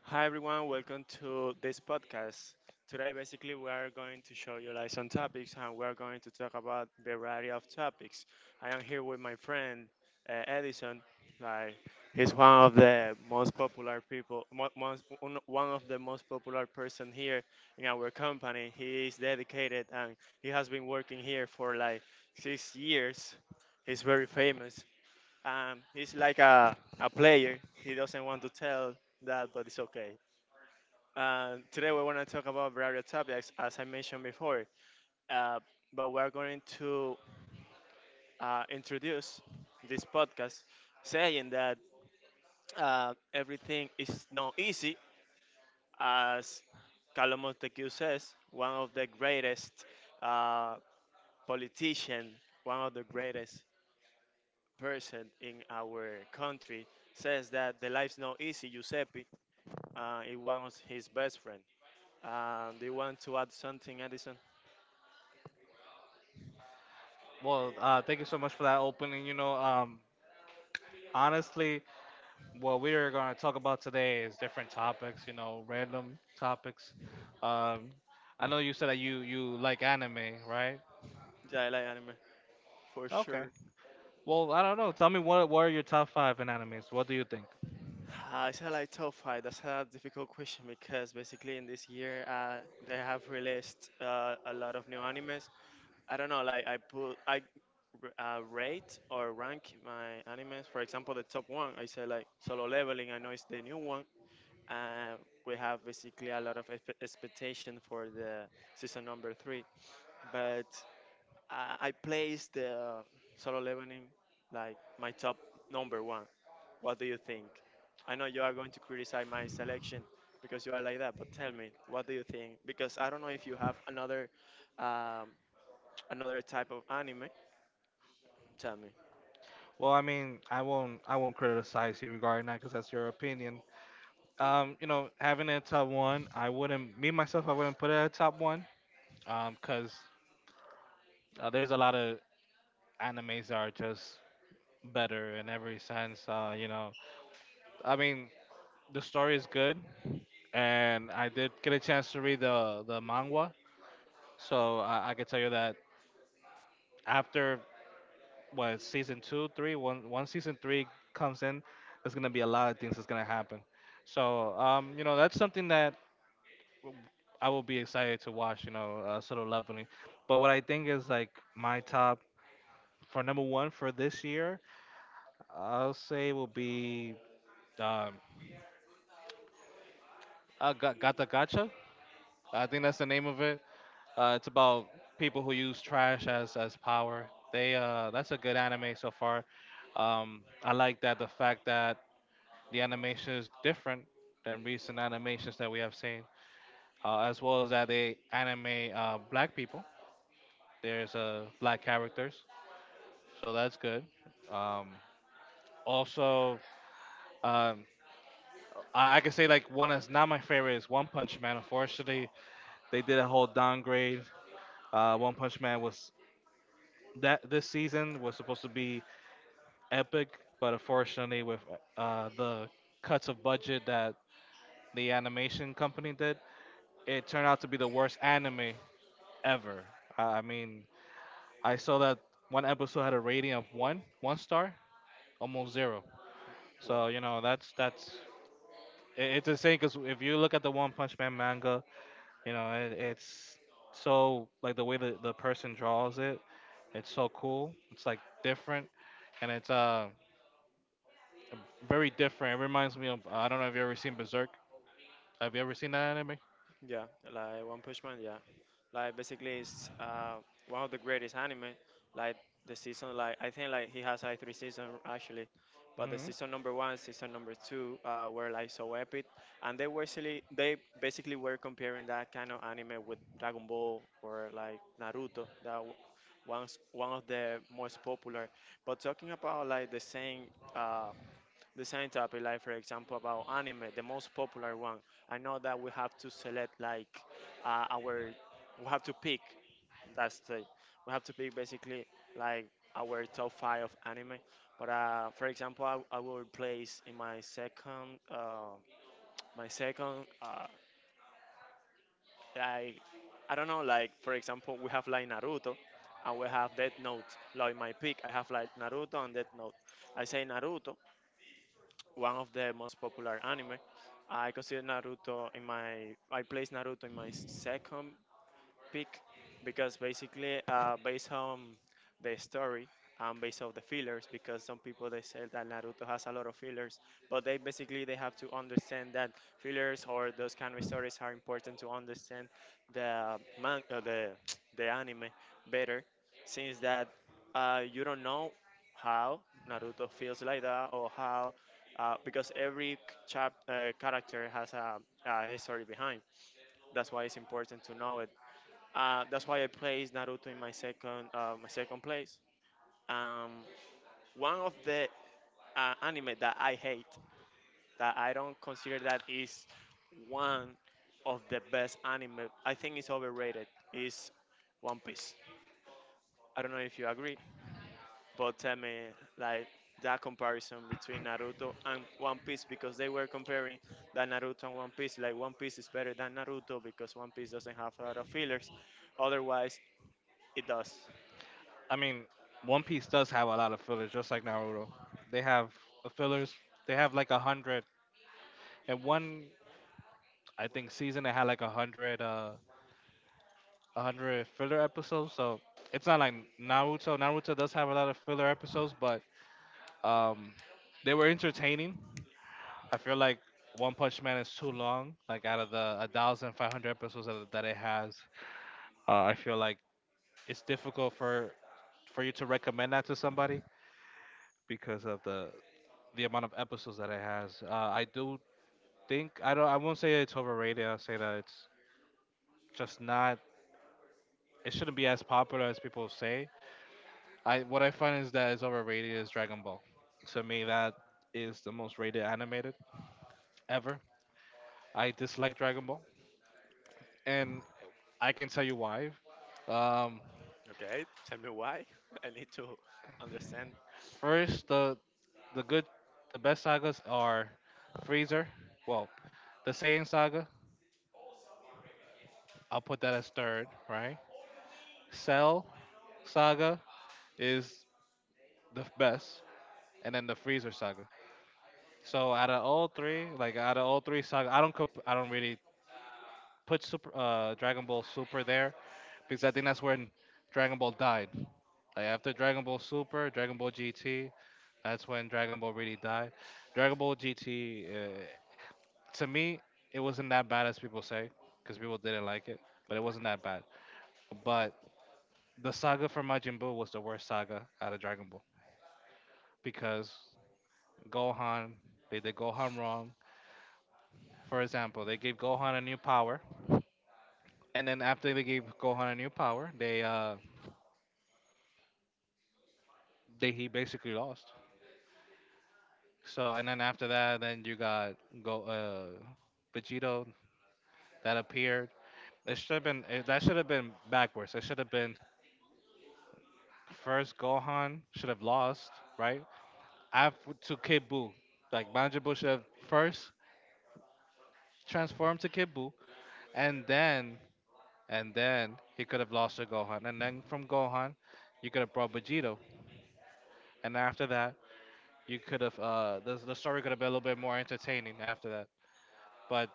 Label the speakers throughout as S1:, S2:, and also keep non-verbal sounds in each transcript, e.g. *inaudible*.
S1: Hi everyone, welcome to this podcast. Today basically we are going to show you like some topics, and we are going to talk about variety of topics. I am here with my friend Edison. Like he's one of the most popular people, one of the most popular person here in our company. He is dedicated, and he has been working here for like 6 years. He's very famous. He's like a player. He doesn't want to tell that, but it's okay. Today we want to talk about various topics, as I mentioned before. Uh, but we're going to introduce this podcast, saying that everything is not easy, as Carlos Montesquieu says, one of the greatest uh, politician, one of the greatest person in our country, says that the life's not easy. Giuseppe, it was his best friend. Do you want to add something, Edison?
S2: Thank you so much for that opening. Honestly, what we are going to talk about today is different topics. You know, random topics. Um, I know you said that you like anime, right?
S1: Yeah, I like anime. For
S2: Okay.
S1: sure.
S2: Well, I don't know. Tell me what are your top five in animes? What do you think?
S1: It's a tough fight. That's a difficult question because basically in this year they have released a lot of new animes. I don't know, like I rate or rank my animes. For example, the top one, I say like Solo Leveling. I know it's the new one. Uh, we have basically a lot of expectation for the season number three, but I placed the Solo Leveling like my top number one. What do you think? I know you are going to criticize my selection because you are like that, but tell me, what do you think? Because I don't know if you have another um, another type of anime. Tell me.
S2: Well, I mean, I won't criticize you regarding that because that's your opinion. Having a top one, I wouldn't me myself I wouldn't put it at top one. Because There's a lot of animes that are just better in every sense. I mean, the story is good, and I did get a chance to read the manga, so I can tell you that after what season two, three, one, one season three comes in, there's gonna be a lot of things that's gonna happen. So, that's something that I will be excited to watch. Sort of lovingly. But what I think is like my top for number one for this year, I'll say will be um, Gata Gacha. I think that's the name of it. It's about people who use trash as power. They That's a good anime so far. I like that the fact that the animation is different than recent animations that we have seen, as well as that they anime black people. There's black characters, so that's good. Um, also, um, I could say like one that's not my favorite is One Punch Man. Unfortunately, they did a whole downgrade. One Punch Man was that this season was supposed to be epic, but unfortunately, with the cuts of budget that the animation company did, it turned out to be the worst anime ever. I mean, I saw that one episode had a rating of one star, almost zero. So
S1: Wow.
S2: you know it's insane because if you look at the One Punch Man manga, you know it's so like the way the person draws it, it's so cool. It's like different, and it's very different. It reminds me of I don't know if you ever seen Berserk. Have you ever seen that anime?
S1: Yeah, like One Punch Man. Yeah, like basically it's one of the greatest anime. Like the season, like I think like he has like three seasons actually, but the
S2: Hmm.
S1: season number one, season number two, were like so epic, and they were actually they basically were comparing that kind of anime with Dragon Ball or like Naruto. One's one of the most popular. But talking about like the same. Uh, the same topic, like for example about anime, the most popular one. I know that we have to select like uh, our, we have to pick. That's the, we have to pick basically like our top five of anime. But for example, I will place in my second, uh, like I don't know, like for example, we have like Naruto. And we have Death Note. Like in my pick, I have like Naruto and Death Note. I say Naruto one of the most popular anime. I place Naruto in my second pick because basically based on the story and based on the fillers because some people they say that Naruto has a lot of fillers, but they basically they have to understand that fillers or those kind of stories are important to understand the *tsk* the anime better since that you don't know how Naruto feels like that or how because every character has a history behind, that's why it's important to know that's why I placed Naruto in my second place. Um, One of the anime that I hate, that I don't consider that is one of the best anime. I think it's overrated. Is One Piece. I don't know if you agree, but tell me like that comparison between Naruto and One Piece because they were comparing that Naruto and One Piece. Like One Piece is better than Naruto because One Piece doesn't have a lot of fillers. Otherwise, it does.
S2: I mean, One Piece does have a lot of fillers, just like Naruto. They have fillers. They have like a hundred. In one, I think, season they had like a hundred filler episodes. So it's not like Naruto. Naruto does have a lot of filler episodes, but um, they were entertaining. I feel like One Punch Man is too long. Like out of the a thousand five hundred episodes that it has, I feel like it's difficult for you to recommend that to somebody because of the amount of episodes that it has. I do think I won't say it's overrated. I'll say that it's just not. It shouldn't be as popular as people say. I what I find is that it's overrated is Dragon Ball. To me, that is the most rated animated ever. I dislike Dragon Ball, and I can tell you why. Um,
S1: Okay, tell me why. *laughs* I need to understand.
S2: First, the good the best sagas are Freezer. Well, the Saiyan saga I'll put that as third, right? Cell Saga is the best, and then the Freezer Saga. So out of all three, like out of all three saga, I don't really put Super Dragon Ball Super there because I think that's when Dragon Ball died. Like after Dragon Ball Super, Dragon Ball GT, that's when Dragon Ball really died. Dragon Ball GT, to me, it wasn't that bad as people say because people didn't like it, but it wasn't that bad. But the saga for Majin Buu was the worst saga out of Dragon Ball because Gohan, they did Gohan wrong. For example, they gave Gohan a new power, and then after they gave Gohan a new power, they he basically lost. So and then after that, then you got go Vegito that appeared. It should have been it, That should have been backwards. It should have been first Gohan should have lost, right? After to Kid Buu, like Majin Buu should have first transformed to Kid Buu, and then and then he could have lost to Gohan, and then from Gohan, you could have brought Vegito, and after that, you could have the story could have been a little bit more entertaining after that. But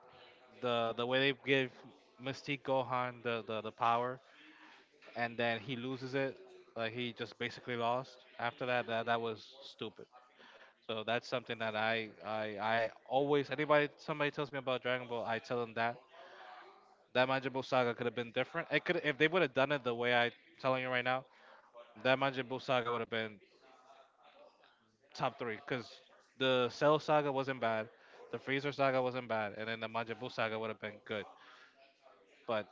S2: the way they give Mystique Gohan the power, and then he loses it, like he just basically lost. After that, that was stupid. So that's something that I always anybody somebody tells me about Dragon Ball, I tell them that. That Majin Buu saga could have been different. It could if they would have done it the way I telling you right now, that Majin Buu saga would have been top three because the Cell saga wasn't bad, the Freezer saga wasn't bad, and then the Majin Buu saga would have been good. But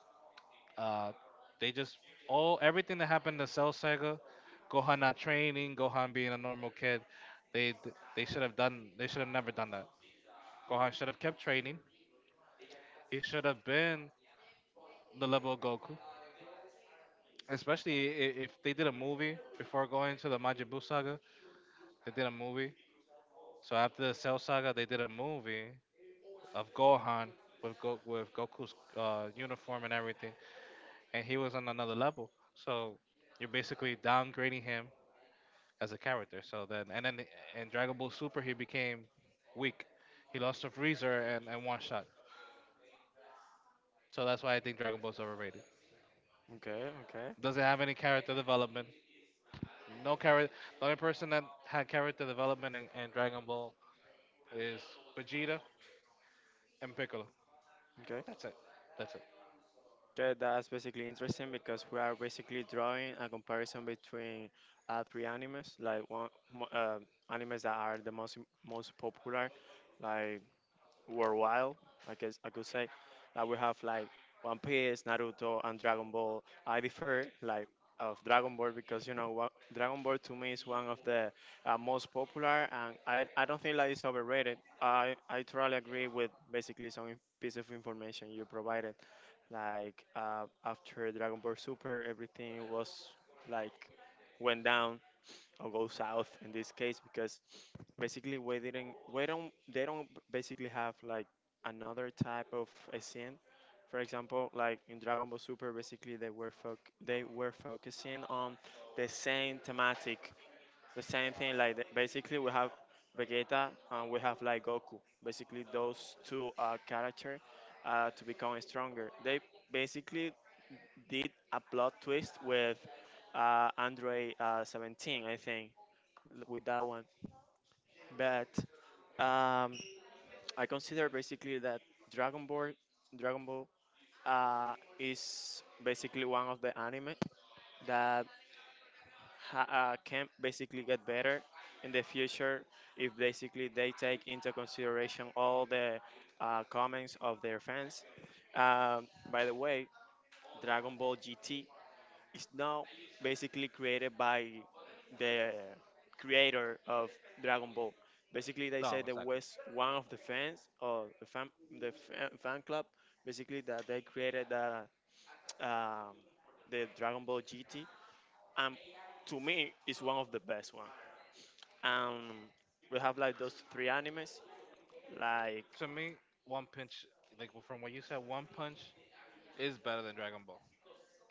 S2: uh, they just all everything that happened to Cell saga, Gohan not training, Gohan being a normal kid, they they should have done they should have never done that. Gohan should have kept training. He should have been the level of Goku. Especially if they did a movie before going to the Majin Buu saga, they did a movie. So after the Cell saga, they did a movie of Gohan with Goku's uniform and everything, and he was on another level. So you're basically downgrading him as a character. So then, and then in Dragon Ball Super, he became weak. He lost to Freezer and one shot. So that's why I think Dragon Ball's overrated.
S1: Okay, okay,
S2: Doesn't have any character development. No character. The only person that had character development in Dragon Ball is Vegeta and Piccolo.
S1: okay,
S2: That's it. That's it.
S1: Okay, that's basically interesting because we are basically drawing a comparison between three animes, like mo- uh, animes that are the most popular, like worldwide. I guess I could say that we have like One Piece, Naruto, and Dragon Ball. I prefer like of Dragon Ball because you know what, Dragon Ball to me is one of the most popular, and I don't think that it's overrated. I totally agree with basically piece of information you provided. Like after Dragon Ball Super, everything was like went down or go south in this case because basically we didn't we don't they don't basically have like another type of a scene. For example, like in Dragon Ball Super, basically they were focusing on the same thematic, the same thing. Basically we have Vegeta and we have like Goku. Basically those two character to become stronger. They basically did a plot twist with Android 17, I think with that one. But um, I consider basically that Dragon Ball, Dragon Ball, uh, is basically one of the anime that can basically get better in the future if basically they take into consideration all the comments of their fans. By the way, Dragon Ball GT is now basically created by the creator of Dragon Ball. Basically, they say
S2: No,
S1: the
S2: exactly.
S1: was one of the fans or fan club. Basically, that they created um, the Dragon Ball GT, and to me, it's one of the best one. Um, we have like those three animes, like
S2: To me, One Punch, like from what you said, One Punch is better than Dragon Ball.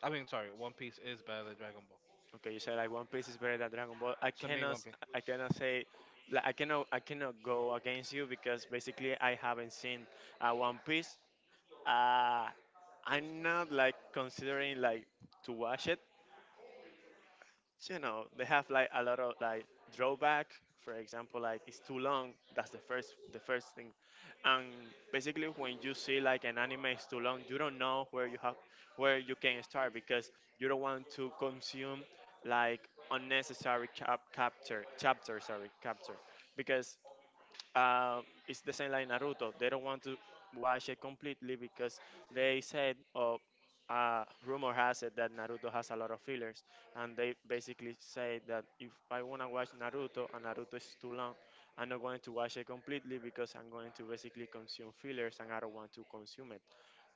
S2: I mean, sorry, One Piece is better than Dragon Ball.
S1: Okay, you said like One Piece is better than Dragon Ball.
S2: To me, One Piece.
S1: I cannot say, like I cannot go against you because basically I haven't seen One Piece. Uh, I'm not like considering like to watch it, so, you know they have like a lot of like drawback, for example, like it's too long, that's the first thing, and basically when you see like an anime is too long you don't know where you can start because you don't want to consume like unnecessary cap- capture chapter, sorry, capture because uh, it's the same like Naruto. They don't want to watch it completely because they said, oh, rumor has it that Naruto has a lot of fillers, and they basically say that if I wanna watch Naruto and Naruto is too long, I'm not going to watch it completely because I'm going to basically consume fillers and I don't want to consume it,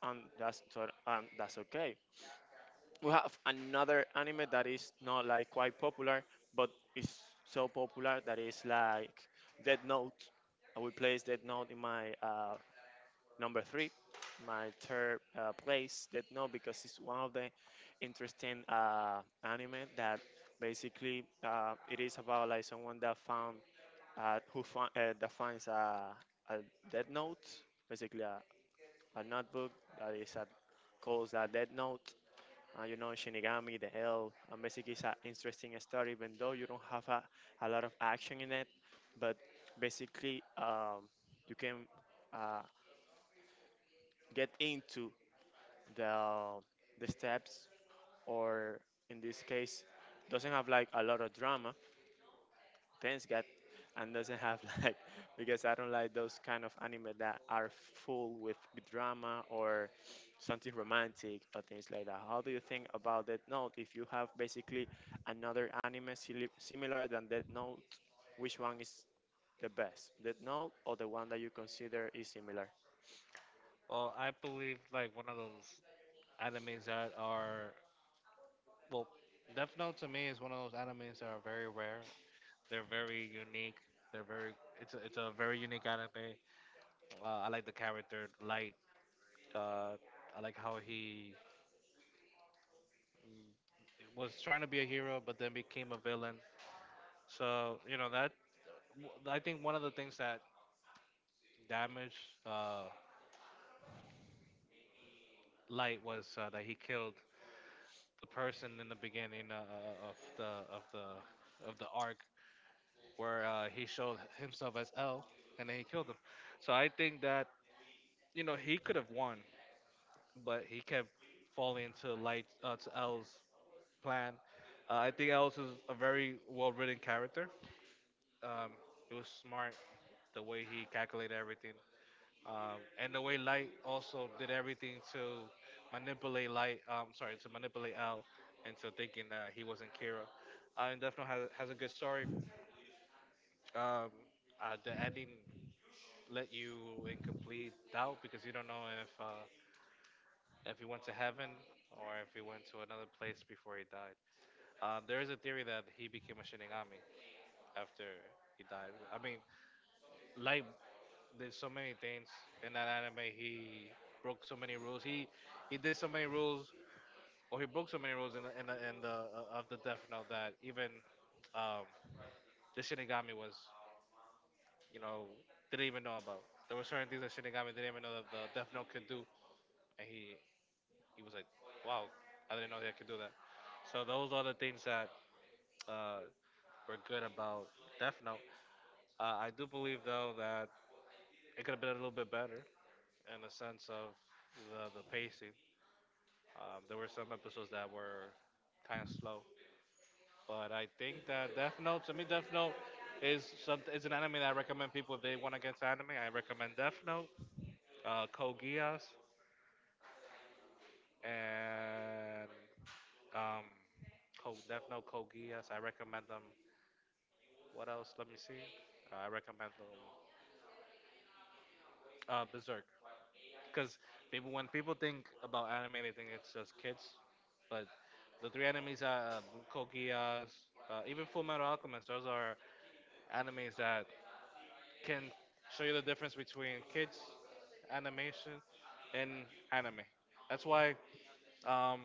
S1: and that's okay. We have another anime that is not like quite popular, but is so popular that it's like Dead Note. I will place Dead Note in my number three, my third place Dead Note because it's one of the interesting anime that basically it is about like someone that that finds a Dead Note, basically a notebook that is a, calls a Dead Note, you know, Shinigami, The Hell. Basically, it's an interesting story, even though you don't have a lot of action in it. But basically, you can uh, get into the the steps, or in this case, doesn't have like a lot of drama, things get and doesn't have *laughs* like because I don't like those kind of anime that are full with drama or something romantic or things like that. How do you think about that note? If you have basically another anime similar than that note, which one is the best? That note or the one that you consider is similar?
S2: Well, I believe like one of those animes that are well, Death Note to me is one of those animes that are very rare. They're very unique. They're very it's a very unique anime. I like the character Light. Uh, I like how he mm, was trying to be a hero but then became a villain. So you know I think one of the things that damage uh, light was that he killed the person in the beginning of the of the of the arc where he showed himself as L, and then he killed him. So I think that you know he could have won, but he kept falling into light to L's plan. I think L is a very well written character. Um, it was smart the way he calculated everything. And the way Light also did everything to manipulate Light, sorry, to manipulate Al into thinking that he wasn't Kira. And Death Note has a good story. Um, the ending let you in complete doubt because you don't know if he went to heaven or if he went to another place before he died. There is a theory that he became a Shinigami after he died. I mean, Light did so many things in that anime. He broke so many rules. He did so many rules, or he broke so many rules in the Death Note that even um, the Shinigami was, you know, didn't even know about. There were certain things that Shinigami didn't even know that the Death Note could do, and he was like, wow, I didn't know that I could do that. So those are the things that uh, were good about Death Note. I do believe though that it could have been a little bit better in the sense of the pacing. There were some episodes that were kind of slow, but I think that Death Note to me, Death Note is some it's an anime that I recommend people if they want to get into anime. I recommend Death Note, Code Geass, and um, Death Note, Code Geass. I recommend them. What else? Let me see. I recommend them. Berserk, because people when people think about anime, they think it's just kids, but the three enemies are Code Geass, even Full Metal Alchemist. Those are animes that can show you the difference between kids animation and anime. That's why um,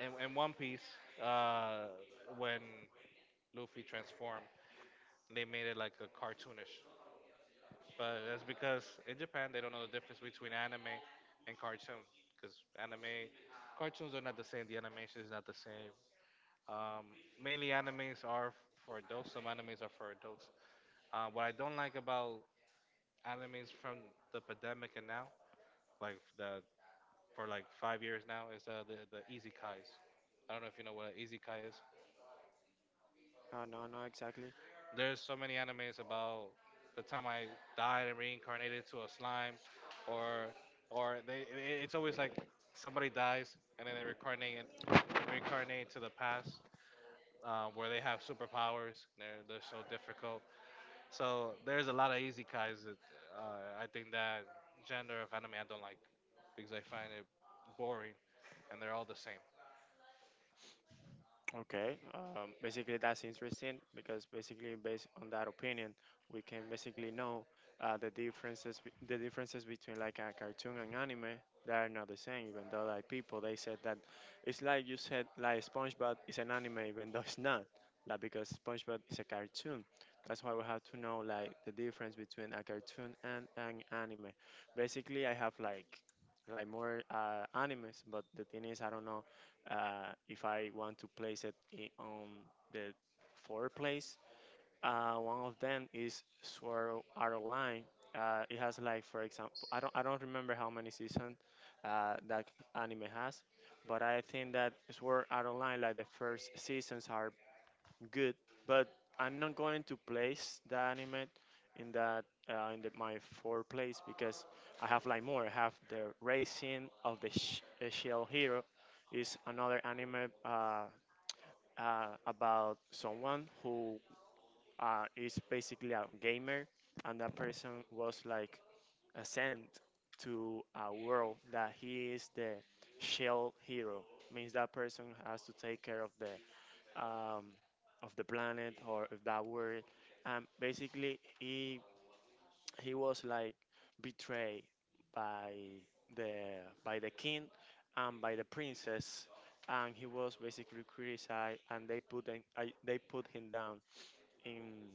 S2: in One Piece, uh, when Luffy transformed, they made it like a cartoonish. But that's because in Japan they don't know the difference between anime and cartoon. Because anime, cartoons are not the same. The animation is not the same. Um, mainly animes are for adults. Some animes are for adults. What I don't like about animes from the pandemic and now, like the for like 5 years now, is the Easy Kai's. I don't know if you know what an Easy Kai is.
S1: No, exactly.
S2: There's so many animes about the time I died and reincarnated to a slime, or it's always like somebody dies and then they reincarnate and reincarnate to the past. Where they have superpowers, they're so difficult. So there's a lot of easy guys that I think that gender of anime I don't like because I find it boring, and they're all the same.
S1: Okay, basically that's interesting because basically based on that opinion, we can basically know the differences between like a cartoon and anime. They are not the same, even though like people they said that it's like you said like SpongeBob is an anime, even though it's not. Like because SpongeBob is a cartoon, that's why we have to know like the difference between a cartoon and an anime. Basically, I have like more animes, but the thing is I don't know if I want to place it in, on the fourth place, one of them is Sword Art Online. It has like, for example, I don't remember how many seasons that anime has, but I think that Sword Art Online, like the first seasons are good, but I'm not going to place the anime in my fourth place because I have like more. I have the Racing of the Shell Hero is another anime about someone who is basically a gamer, and that person was like a sent to a world that he is the Shell Hero. Means that person has to take care um, of the planet or of that world. And basically, he was like betrayed by the by the king and by the princess, and he was basically criticized, and they put him, they put him down in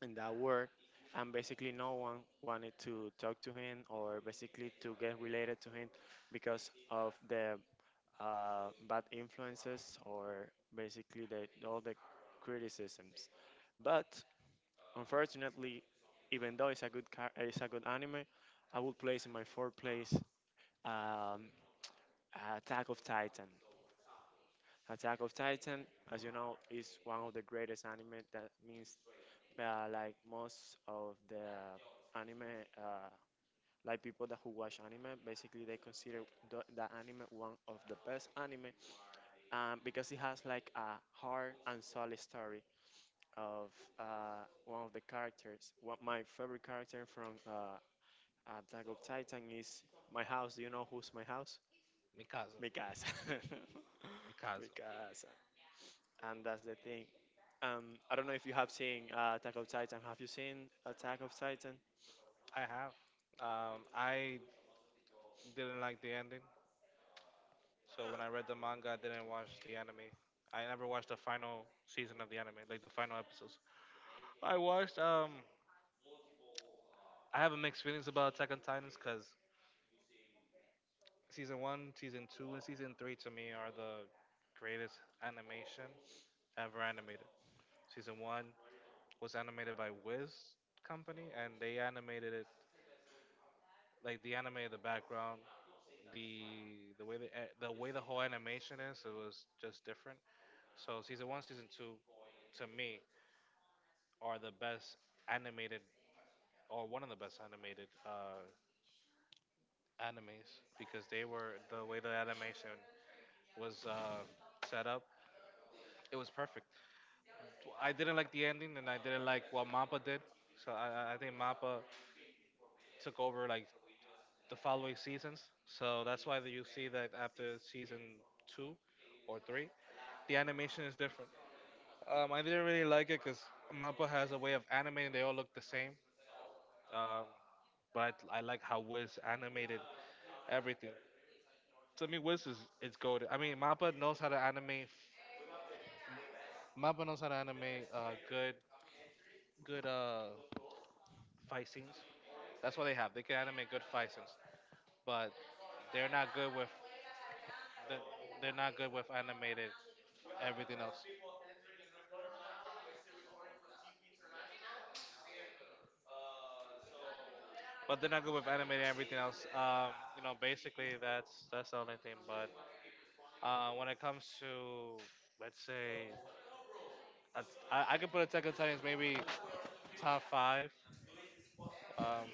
S1: in that world. And basically, no one wanted to talk to him or basically to get related to him because of the bad influences or basically all the criticisms. But unfortunately, even though it's a good anime, I would place in my fourth place um, Attack of Titan. Attack of Titan, as you know, is one of the greatest anime. That means like most of the anime, uh, like people that who watch anime, basically they consider the anime one of the best anime, because it has like a hard and solid story of one of the characters. What my favorite character from Attack of Titan is my house. Do you know who's my house?
S2: Mikasa,
S1: Mikasa. *laughs*
S2: Mikasa.
S1: Mikasa. And that's the thing. I don't know if you have seen Attack of Titan. Have you seen Attack of Titan?
S2: I have. I didn't like the ending, so when I read the manga, I didn't watch the anime. I never watched the final season of the anime, like the final episodes. I watched. I have a mixed feelings about Attack on Titans because season one, season 2, and season 3 to me are the greatest animation ever animated. Season 1 was animated by Wiz Company, and they animated it like they animated the background, the the way the whole animation is. It was just different. So season 1, season two, to me, are the best animated or one of the best animated animes because they were the way the animation was set up. It was perfect. I didn't like the ending, and I didn't like what Mappa did. So I think Mappa took over like the following seasons. So that's why that you see that after season two or three, the animation is different. I didn't really like it because Mappa has a way of animating; they all look the same. Um, but I like how Wiz animated everything. To me, Wiz is it's goaded. I mean, Mappa knows how to animate. Mappa knows how to animate good fight scenes. That's what they have. They can animate good fight scenes, but they're not good with that they're not good with animated everything else. But they're not good with animated everything else. You know, basically that's the only thing. But when it comes to let's say I could put Attack on Titans maybe top five. Um,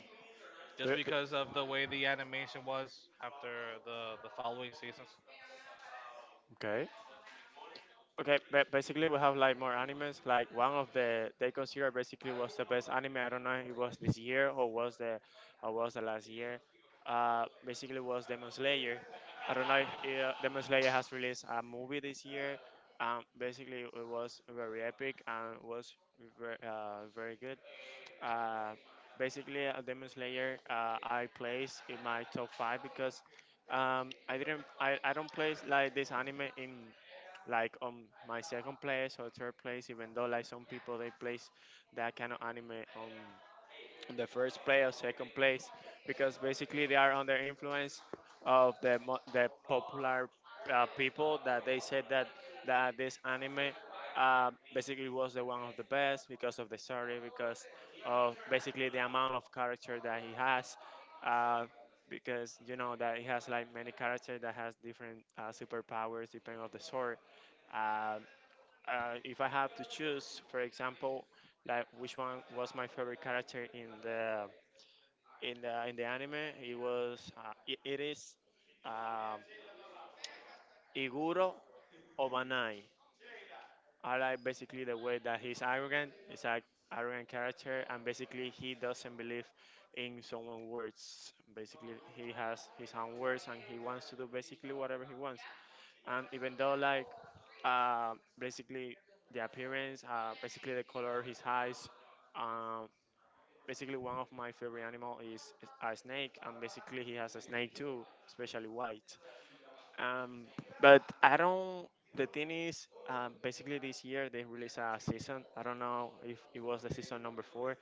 S2: just
S1: The-
S2: because of the way the animation was after the following seasons.
S1: the- Okay, but basically we have like more animes. Like one of the they consider basically was the best anime. I don't know if it was this year or was the last year. Basically was Demon Slayer. I don't know if, Demon Slayer has released a movie this year. Basically it was very epic and was very, very good. Uh, Demon Slayer, I place in my top five, because I didn't, I don't place like this anime in like on my second place or third place, even though like some people they place that kind of anime on in the first place or second place, because basically they are under influence of the popular people that they said that this anime, basically, was the one of the best because of the story, because of basically the amount of character that he has, uh, because you know that he has like many characters that has different superpowers depending on the story. If I have to choose, for example, like which one was my favorite character in the in the anime, it is um Iguro Obanai. I like basically the way that he's arrogant. It's like arrogant character, and basically he doesn't believe in someone's words. Basically, he has his own words, and he wants to do basically whatever he wants. And even though like, uh, basically the appearance, basically the color his eyes, um, basically one of my favorite animal is a snake, and basically he has a snake too, especially white. Um, but I don't. The thing is, basically this year they released a season. I don't know if it was the season number four,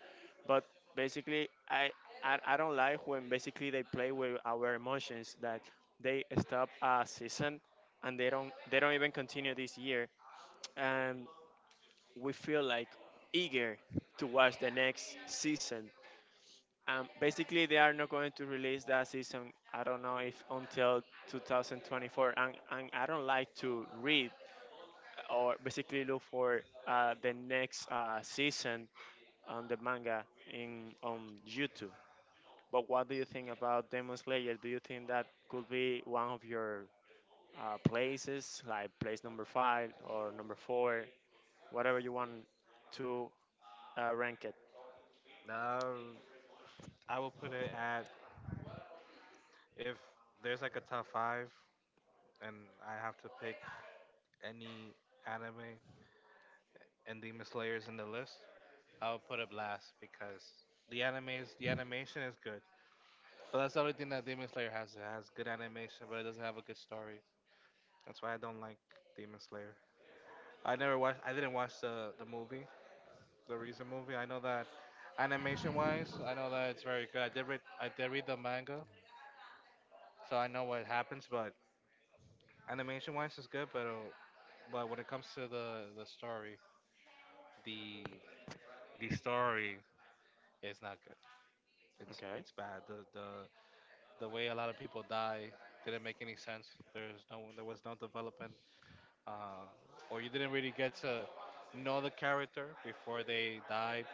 S1: but basically I don't like when basically they play with our emotions, that they stop a season and they don't even continue this year, and we feel like eager to watch the next season. Basically they are not going to release that season. I don't know, if until 2024, and I don't like to read or basically look for the next season on the manga in on YouTube. But what do you think about Demon Slayer? Do you think that could be one of your places, like place number five or number four, whatever you want to rank it?
S2: Um, I will put it at if there's like a top five and I have to pick any anime and Demon Slayers in the list, I'll put up last because the anime's the animation is good. But that's the only thing that Demon Slayer has. It has good animation, but it doesn't have a good story. That's why I don't like Demon Slayer. I never watched. I didn't watch the movie, the recent movie. I know that animation wise, I know that it's very good. I did read. I did read the manga, so I know what happens. But animation wise, it's good. But but when it comes to the story, the the story is not good. It's
S1: Okay,
S2: it's bad. The way a lot of people die didn't make any sense. There's no there was no development, uh, or you didn't really get to know the character before they died.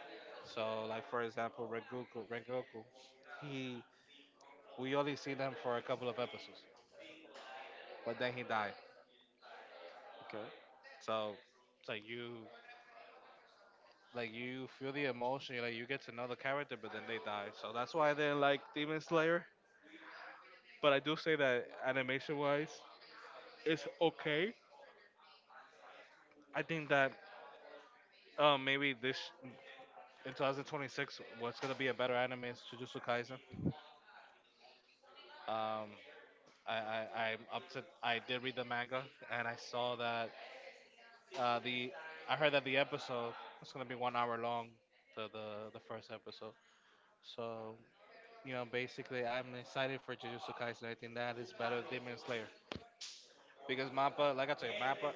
S2: So, like for example, Rengoku, Rengoku, he we only seen him for a couple of episodes, but then he died. So it's like you feel the emotion, you like you get to know the character, but then they die. So that's why I didn't like Demon Slayer. But I do say that animation wise, it's okay. I think that maybe this in 2026 what's gonna be a better anime is Jujutsu Kaisen. Um, I'm up to I did read the manga and I saw that the I heard that the episode was gonna be 1 hour long. The, the, the first episode. So, you know, basically, I'm excited for Jujutsu Kaisen. I think that is better than Demon Slayer. Because Mappa, like I said, Mappa,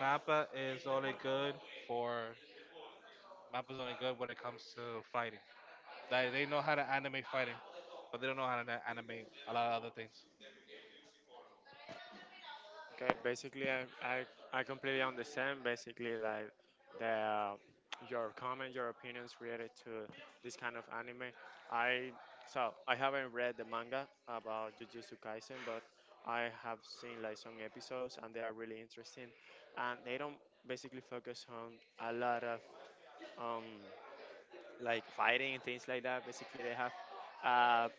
S2: Mappa is only good for. Mappa's only good when it comes to fighting. Like they know how to animate fighting, but they don't know how to animate a lot of other things.
S1: okay, basically, I completely understand basically like the your comment, your opinions related to this kind of anime. I so I haven't read the manga about Jujutsu Kaisen, but I have seen like some episodes and they are really interesting, and they don't basically focus on a lot of um like fighting and things like that. Basically, they have a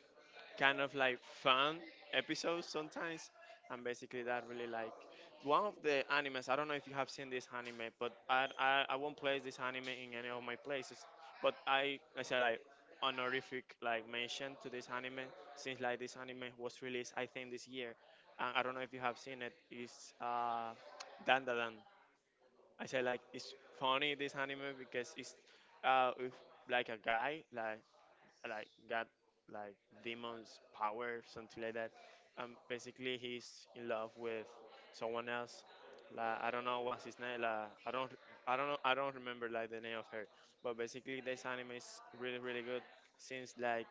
S1: kind of like fun episodes sometimes. And basically, that really like one of the animes. I don't know if you have seen this anime, but I won't place this anime in any of my places. But I say like honorific like mention to this anime, since like this anime was released I think this year, and I don't know if you have seen it. It's Dandadan. I say like it's funny this anime, because it's if, like a guy like got like demons power something like that. Basically he's in love with someone else. Like I don't know what's his name. Like I don't know, I don't remember like the name of her. But basically this anime is really really good, since like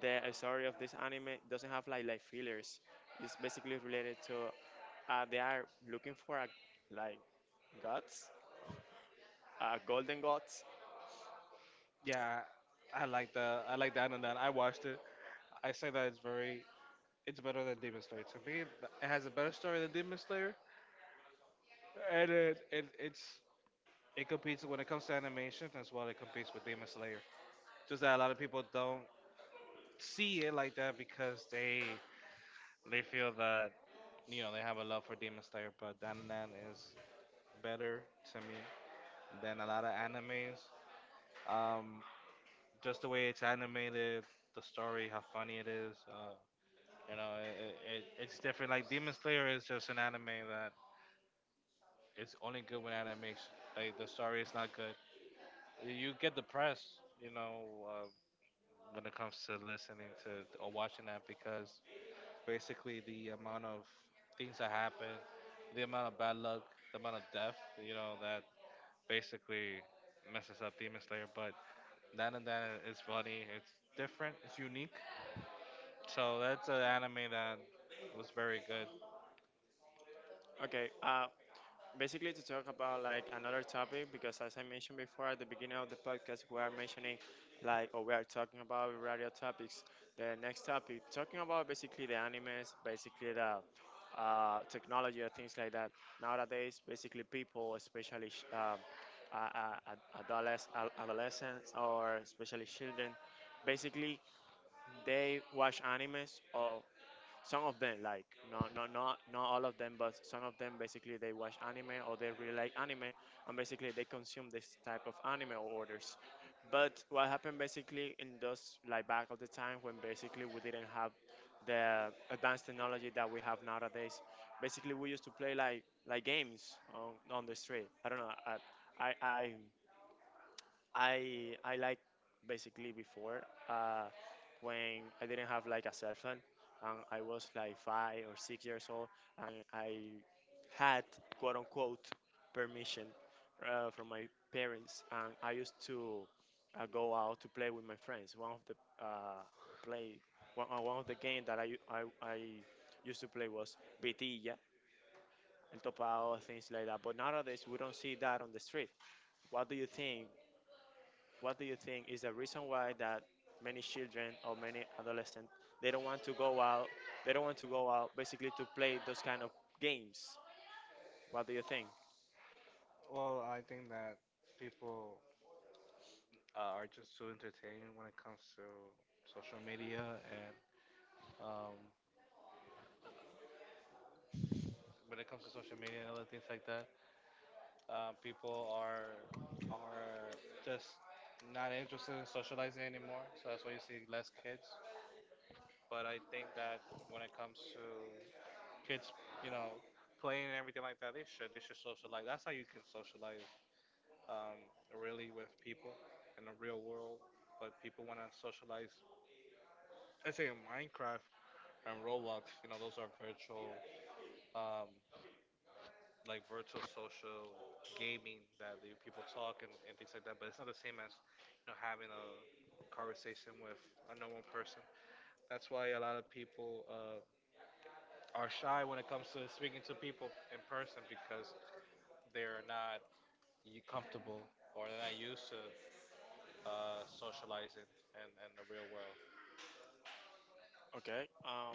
S1: the story of this anime doesn't have like fillers. It's basically related to, they are looking for a like gods, golden gods.
S2: Yeah, I like the anime. I watched it. I say that it's very it's better than Demon Slayer. To me, it has a better story than Demon Slayer, and it's it competes when it comes to animation as well. It competes with Demon Slayer. Just that a lot of people don't see it like that because they feel that you know they have a love for Demon Slayer, but Dandan is better to me than a lot of animes. Um, Just the way it's animated, the story, how funny it is. You know, it's different. Like Demon Slayer is just an anime that is only good with animation. Like the story is not good. You get depressed, you know, when it comes to listening to or watching that because basically the amount of things that happen, the amount of bad luck, the amount of death, you know, that basically messes up Demon Slayer. But that and that is funny. It's different. It's unique. So that's an anime that was very good.
S1: Okay, basically, to talk about like another topic, because as I mentioned before at the beginning of the podcast, we are mentioning, like, or we are talking about radio topics. The next topic, talking about basically the animes, basically the technology or things like that. Nowadays, basically people, especially, adolescents, or especially children, basically they watch animes, or some of them like, not all of them, but some of them basically they watch anime or they really like anime, and basically they consume this type of anime orders. But what happened basically in those like back of the time, when basically we didn't have the advanced technology that we have nowadays, basically we used to play like, games on, the street. I don't know, I I I like, basically, before, uh, when I didn't have like a cell phone, and I was like 5 or 6 years old, and I had, quote unquote, permission from my parents, and I used to go out to play with my friends. Uh, play one of the game that I, u- I used to play was Vitilla, El Topao, things like that. But nowadays we don't see that on the street. What do you think? What do you think is the reason why that many children or many adolescents they don't want to go out? They don't want to go out basically to play those kind of games. What do you think?
S2: Well, I think that people are just so entertained when it comes to social media and um, when it comes to social media and other things like that. People are are just not interested in socializing anymore, so that's why you see less kids. But I think that when it comes to kids, you know, playing and everything like that, they should socialize. That's how you can socialize um, really with people in the real world, but people want to socialize. I say in Minecraft and Roblox, you know, those are virtual, um, like virtual social gaming that the people talk and things like that. But it's not the same as you know having a conversation with a normal person. That's why a lot of people are shy when it comes to speaking to people in person because they're not you comfortable or they're not used to socializing and the real world.
S1: Okay. Um,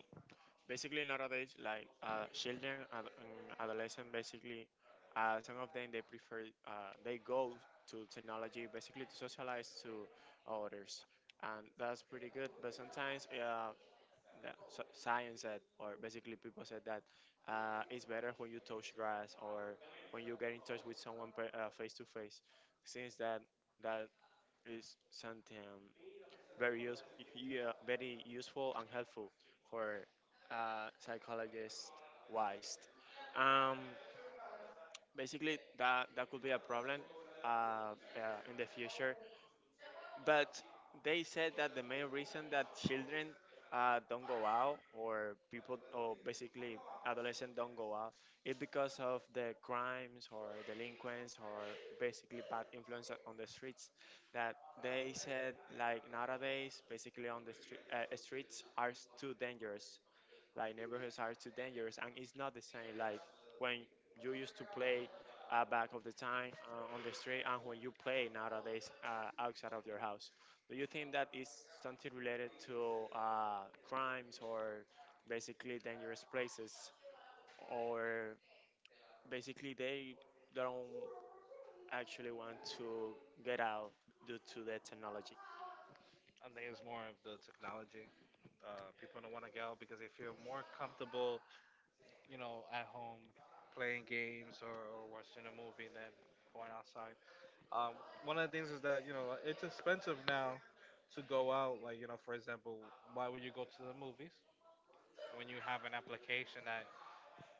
S1: basically nowadays, like, children and adolescent, basically, some of them they go to technology basically to socialize to others, and that's pretty good. But sometimes, that so science said, or basically people said that, it's better when you touch grass, or when you get in touch with someone face to face, since that that is something very, yeah, very useful and helpful for, psychologist wise. Um, basically, that could be a problem in the future, but they said that the main reason that children don't go out, or people, or basically adolescents don't go out, is because of the crimes or delinquents, or basically bad influence on the streets. That, they said, like nowadays basically on the streets are too dangerous, like neighborhoods are too dangerous, and it's not the same. Like when you used to play, back of the time, on the street, and when you play nowadays outside of your house. Do you think that is something related to crimes or basically dangerous places, or basically they don't actually want to get out due to the technology?
S2: I think it's more of the technology. People don't want to get out because they feel more comfortable, you know, at home playing games or watching a movie than going outside. Um, one of the things is that, you know, it's expensive now to go out. Like, you know, for example, why would you go to the movies when you have an application that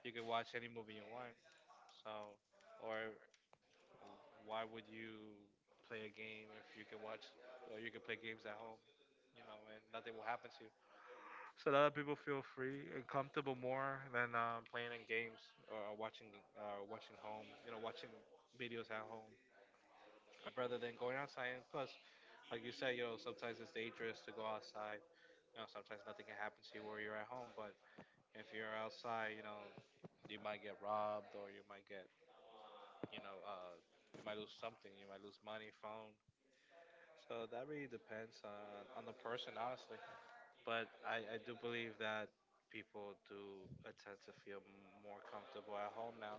S2: you can watch any movie you want? So, or why would you play a game if you can watch or you can play games at home, you know, and nothing will happen to you? So a lot of people feel free and comfortable more than playing in games or watching watching home, you know, watching videos at home rather than going outside. And plus, like you said, you know, sometimes it's dangerous to go outside. You know, sometimes nothing can happen to you where you're at home, but if you're outside, you know, you might get robbed or you might get, you know, you might lose something. You might lose money, phone, so that really depends on the person, honestly. But I do believe that people do tend to feel more comfortable at home now.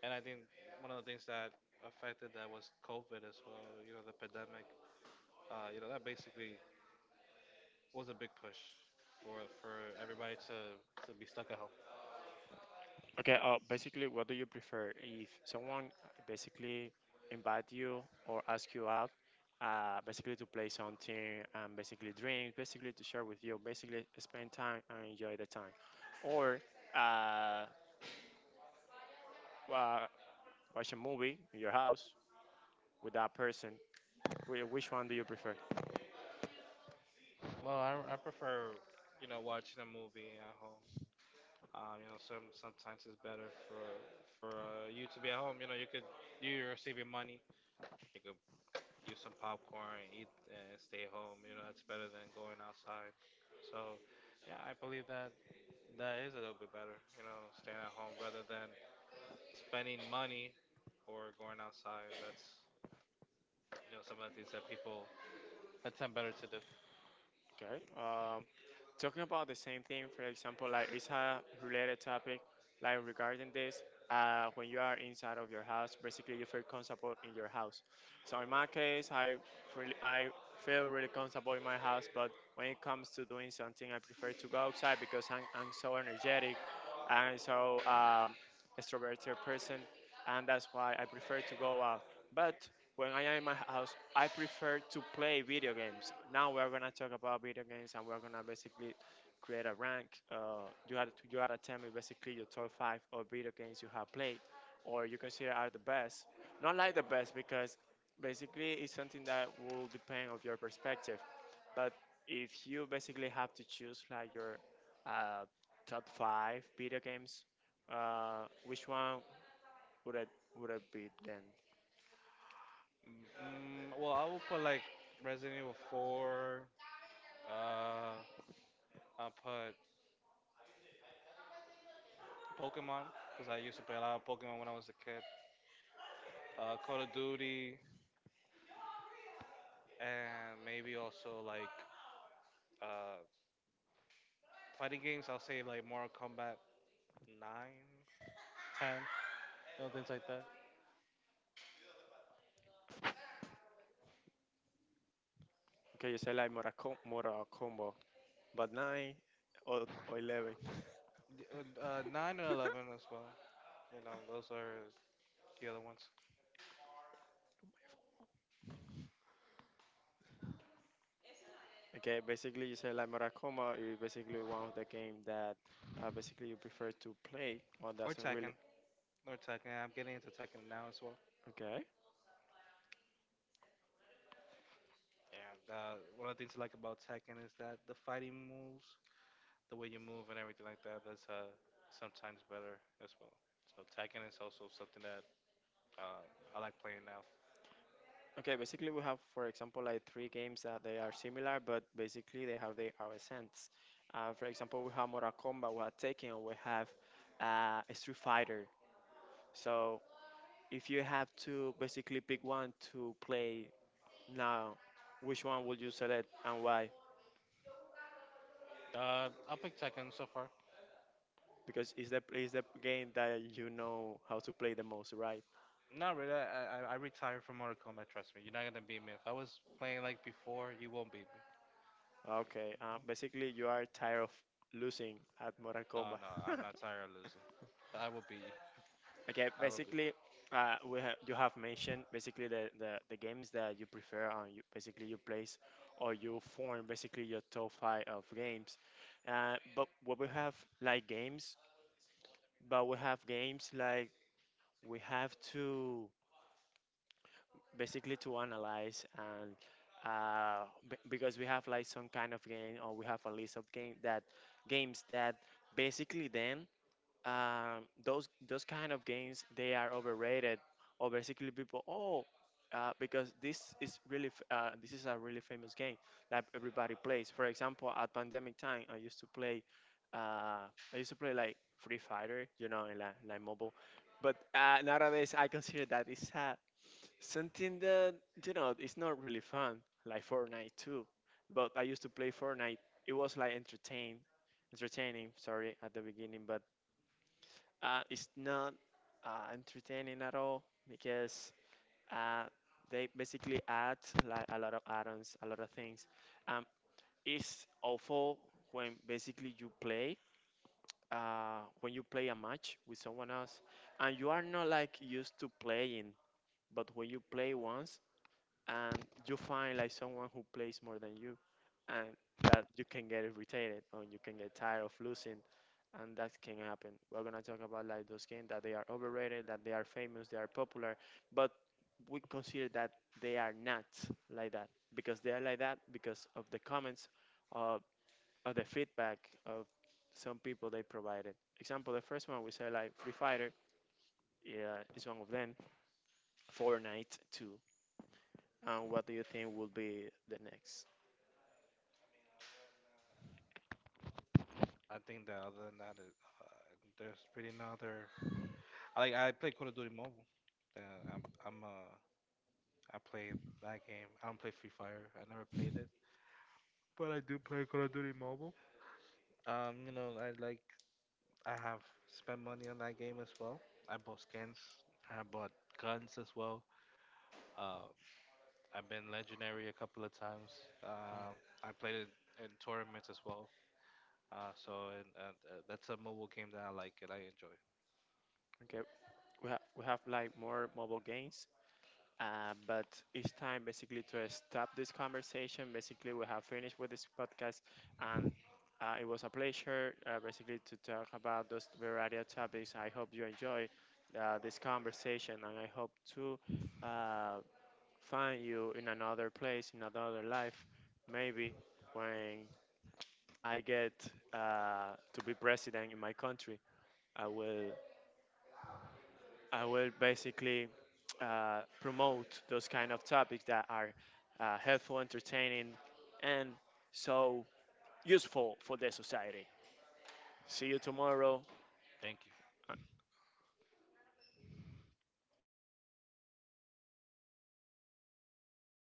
S2: And I think one of the things that affected that was COVID as well, you know, the pandemic. You know, that basically was a big push for everybody to be stuck at home.
S1: Okay, basically, what do you prefer? If someone basically invite you or ask you out, basically to play something and basically drink, basically to share with you, basically spend time and enjoy the time, or uh, wa- watch a movie in your house with that person. Which one do you prefer?
S2: Well, I prefer, you know, watching a movie at home. You know, sometimes it's better for you to be at home. You know, you could you're saving money. You could use some popcorn, eat, and stay home. You know, that's better than going outside. So, yeah, I believe that that is a little bit better. You know, staying at home rather than spending money or going outside. That's you know some of the things that people attempt better to do.
S1: Okay. Talking about the same thing, for example, like it's a related topic, like regarding this, when you are inside of your house, basically you feel comfortable in your house. So in my case, I feel really comfortable in my house, but when it comes to doing something, I prefer to go outside because I'm so energetic and I'm so extroverted person, and that's why I prefer to go out. But when I am in my house, I prefer to play video games. Now we're gonna talk about video games, and we're gonna basically create a rank. You had to, tell me basically your top five of video games you have played, or you consider are the best. Not like the best because basically it's something that will depend of your perspective. But if you basically have to choose like your uh, top five video games, which one would it would it be then?
S2: Mm, well, I will put like Resident Evil 4. Uh, I'll put Pokemon because I used to play a lot of Pokemon when I was a kid. Call of Duty, and maybe also like uh, fighting games, I'll say like Mortal Kombat 9, 10, you know, things like that.
S1: Okay, you say like Moracombo, but 9 or 11. *laughs*
S2: 9 and 11 as well. You know, those are the other ones.
S1: Okay, basically you say like Moracombo is basically one of the game that basically you prefer to play, or
S2: Or
S1: that's a
S2: Tekken.
S1: really
S2: Or Tekken. I'm getting into Tekken now as well.
S1: okay.
S2: And one of the things I like about Tekken is that the fighting moves, the way you move and everything like that, that's sometimes better as well. So Tekken is also something that uh, I like playing now.
S1: Okay, basically we have, for example, like three games that they are similar, but basically they have their own sense. For example, we have Mortal Kombat, we have Tekken, we have Street Fighter. So if you have to basically pick one to play now, which one would you select and why?
S2: I'll pick Tekken so far.
S1: Because it's the game that you know how to play the most, right?
S2: Not really. I retired from Mortal Kombat. Trust me, you're not gonna beat me. If I was playing like before, you won't beat me.
S1: Okay. Basically, you are tired of losing at Mortal
S2: No,
S1: Kombat.
S2: no, I'm
S1: *laughs*
S2: not tired of losing. I will beat you.
S1: Okay.
S2: I will beat.
S1: Basically, you have mentioned basically the games that you prefer and you basically you place or you form basically your top five of games. But what we have like games, but we have games like we have to, basically to analyze and uh, because we have like some kind of game or we have a list of games that basically then those kind of games they are overrated or basically people oh because this is really this is a really famous game that everybody plays. For example, at pandemic time, uh, I used to play like Free Fighter, you know, in like mobile. But nowadays, I consider that it's a something that, you know, it's not really fun, like Fortnite too. But I used to play Fortnite. It was like entertaining, sorry, at the beginning, but it's not entertaining at all because uh, they basically add like a lot of add-ons, a lot of things. Um, it's awful when basically you play, when you play a match with someone else, and you are not like used to playing, but when you play once and you find like someone who plays more than you and that you can get irritated and you can get tired of losing, and that can happen. We're going to talk about like those games that they are overrated, that they are famous, they are popular, but we consider that they are not like that, because they are like that because of the comments, uh, of the feedback of some people they provided. Example, the first one we say like Free Fighter, yeah, is one of them. Fortnite too. And what do you think will be the next?
S2: I think that other than that, it, there's really no other. I like I play Call of Duty Mobile. Uh, I'm I'm uh I play that game. I don't play Free Fire. I never played it, but I do play Call of Duty Mobile. You know, I like I have spent money on that game as well. I bought skins. I bought guns as well. Uh, I've been legendary a couple of times. I played it in tournaments as well. So and that's a mobile game that I like and I enjoy.
S1: Okay, we have like more mobile games, but it's time basically to stop this conversation, basically we have finished with this podcast, and it was a pleasure basically to talk about those variety of topics. I hope you enjoy this conversation, and I hope to uh, find you in another place, in another life, maybe when I get to be president in my country, I will. I will basically promote those kind of topics that are helpful, entertaining, and so useful for the society. See you tomorrow.
S2: Thank you.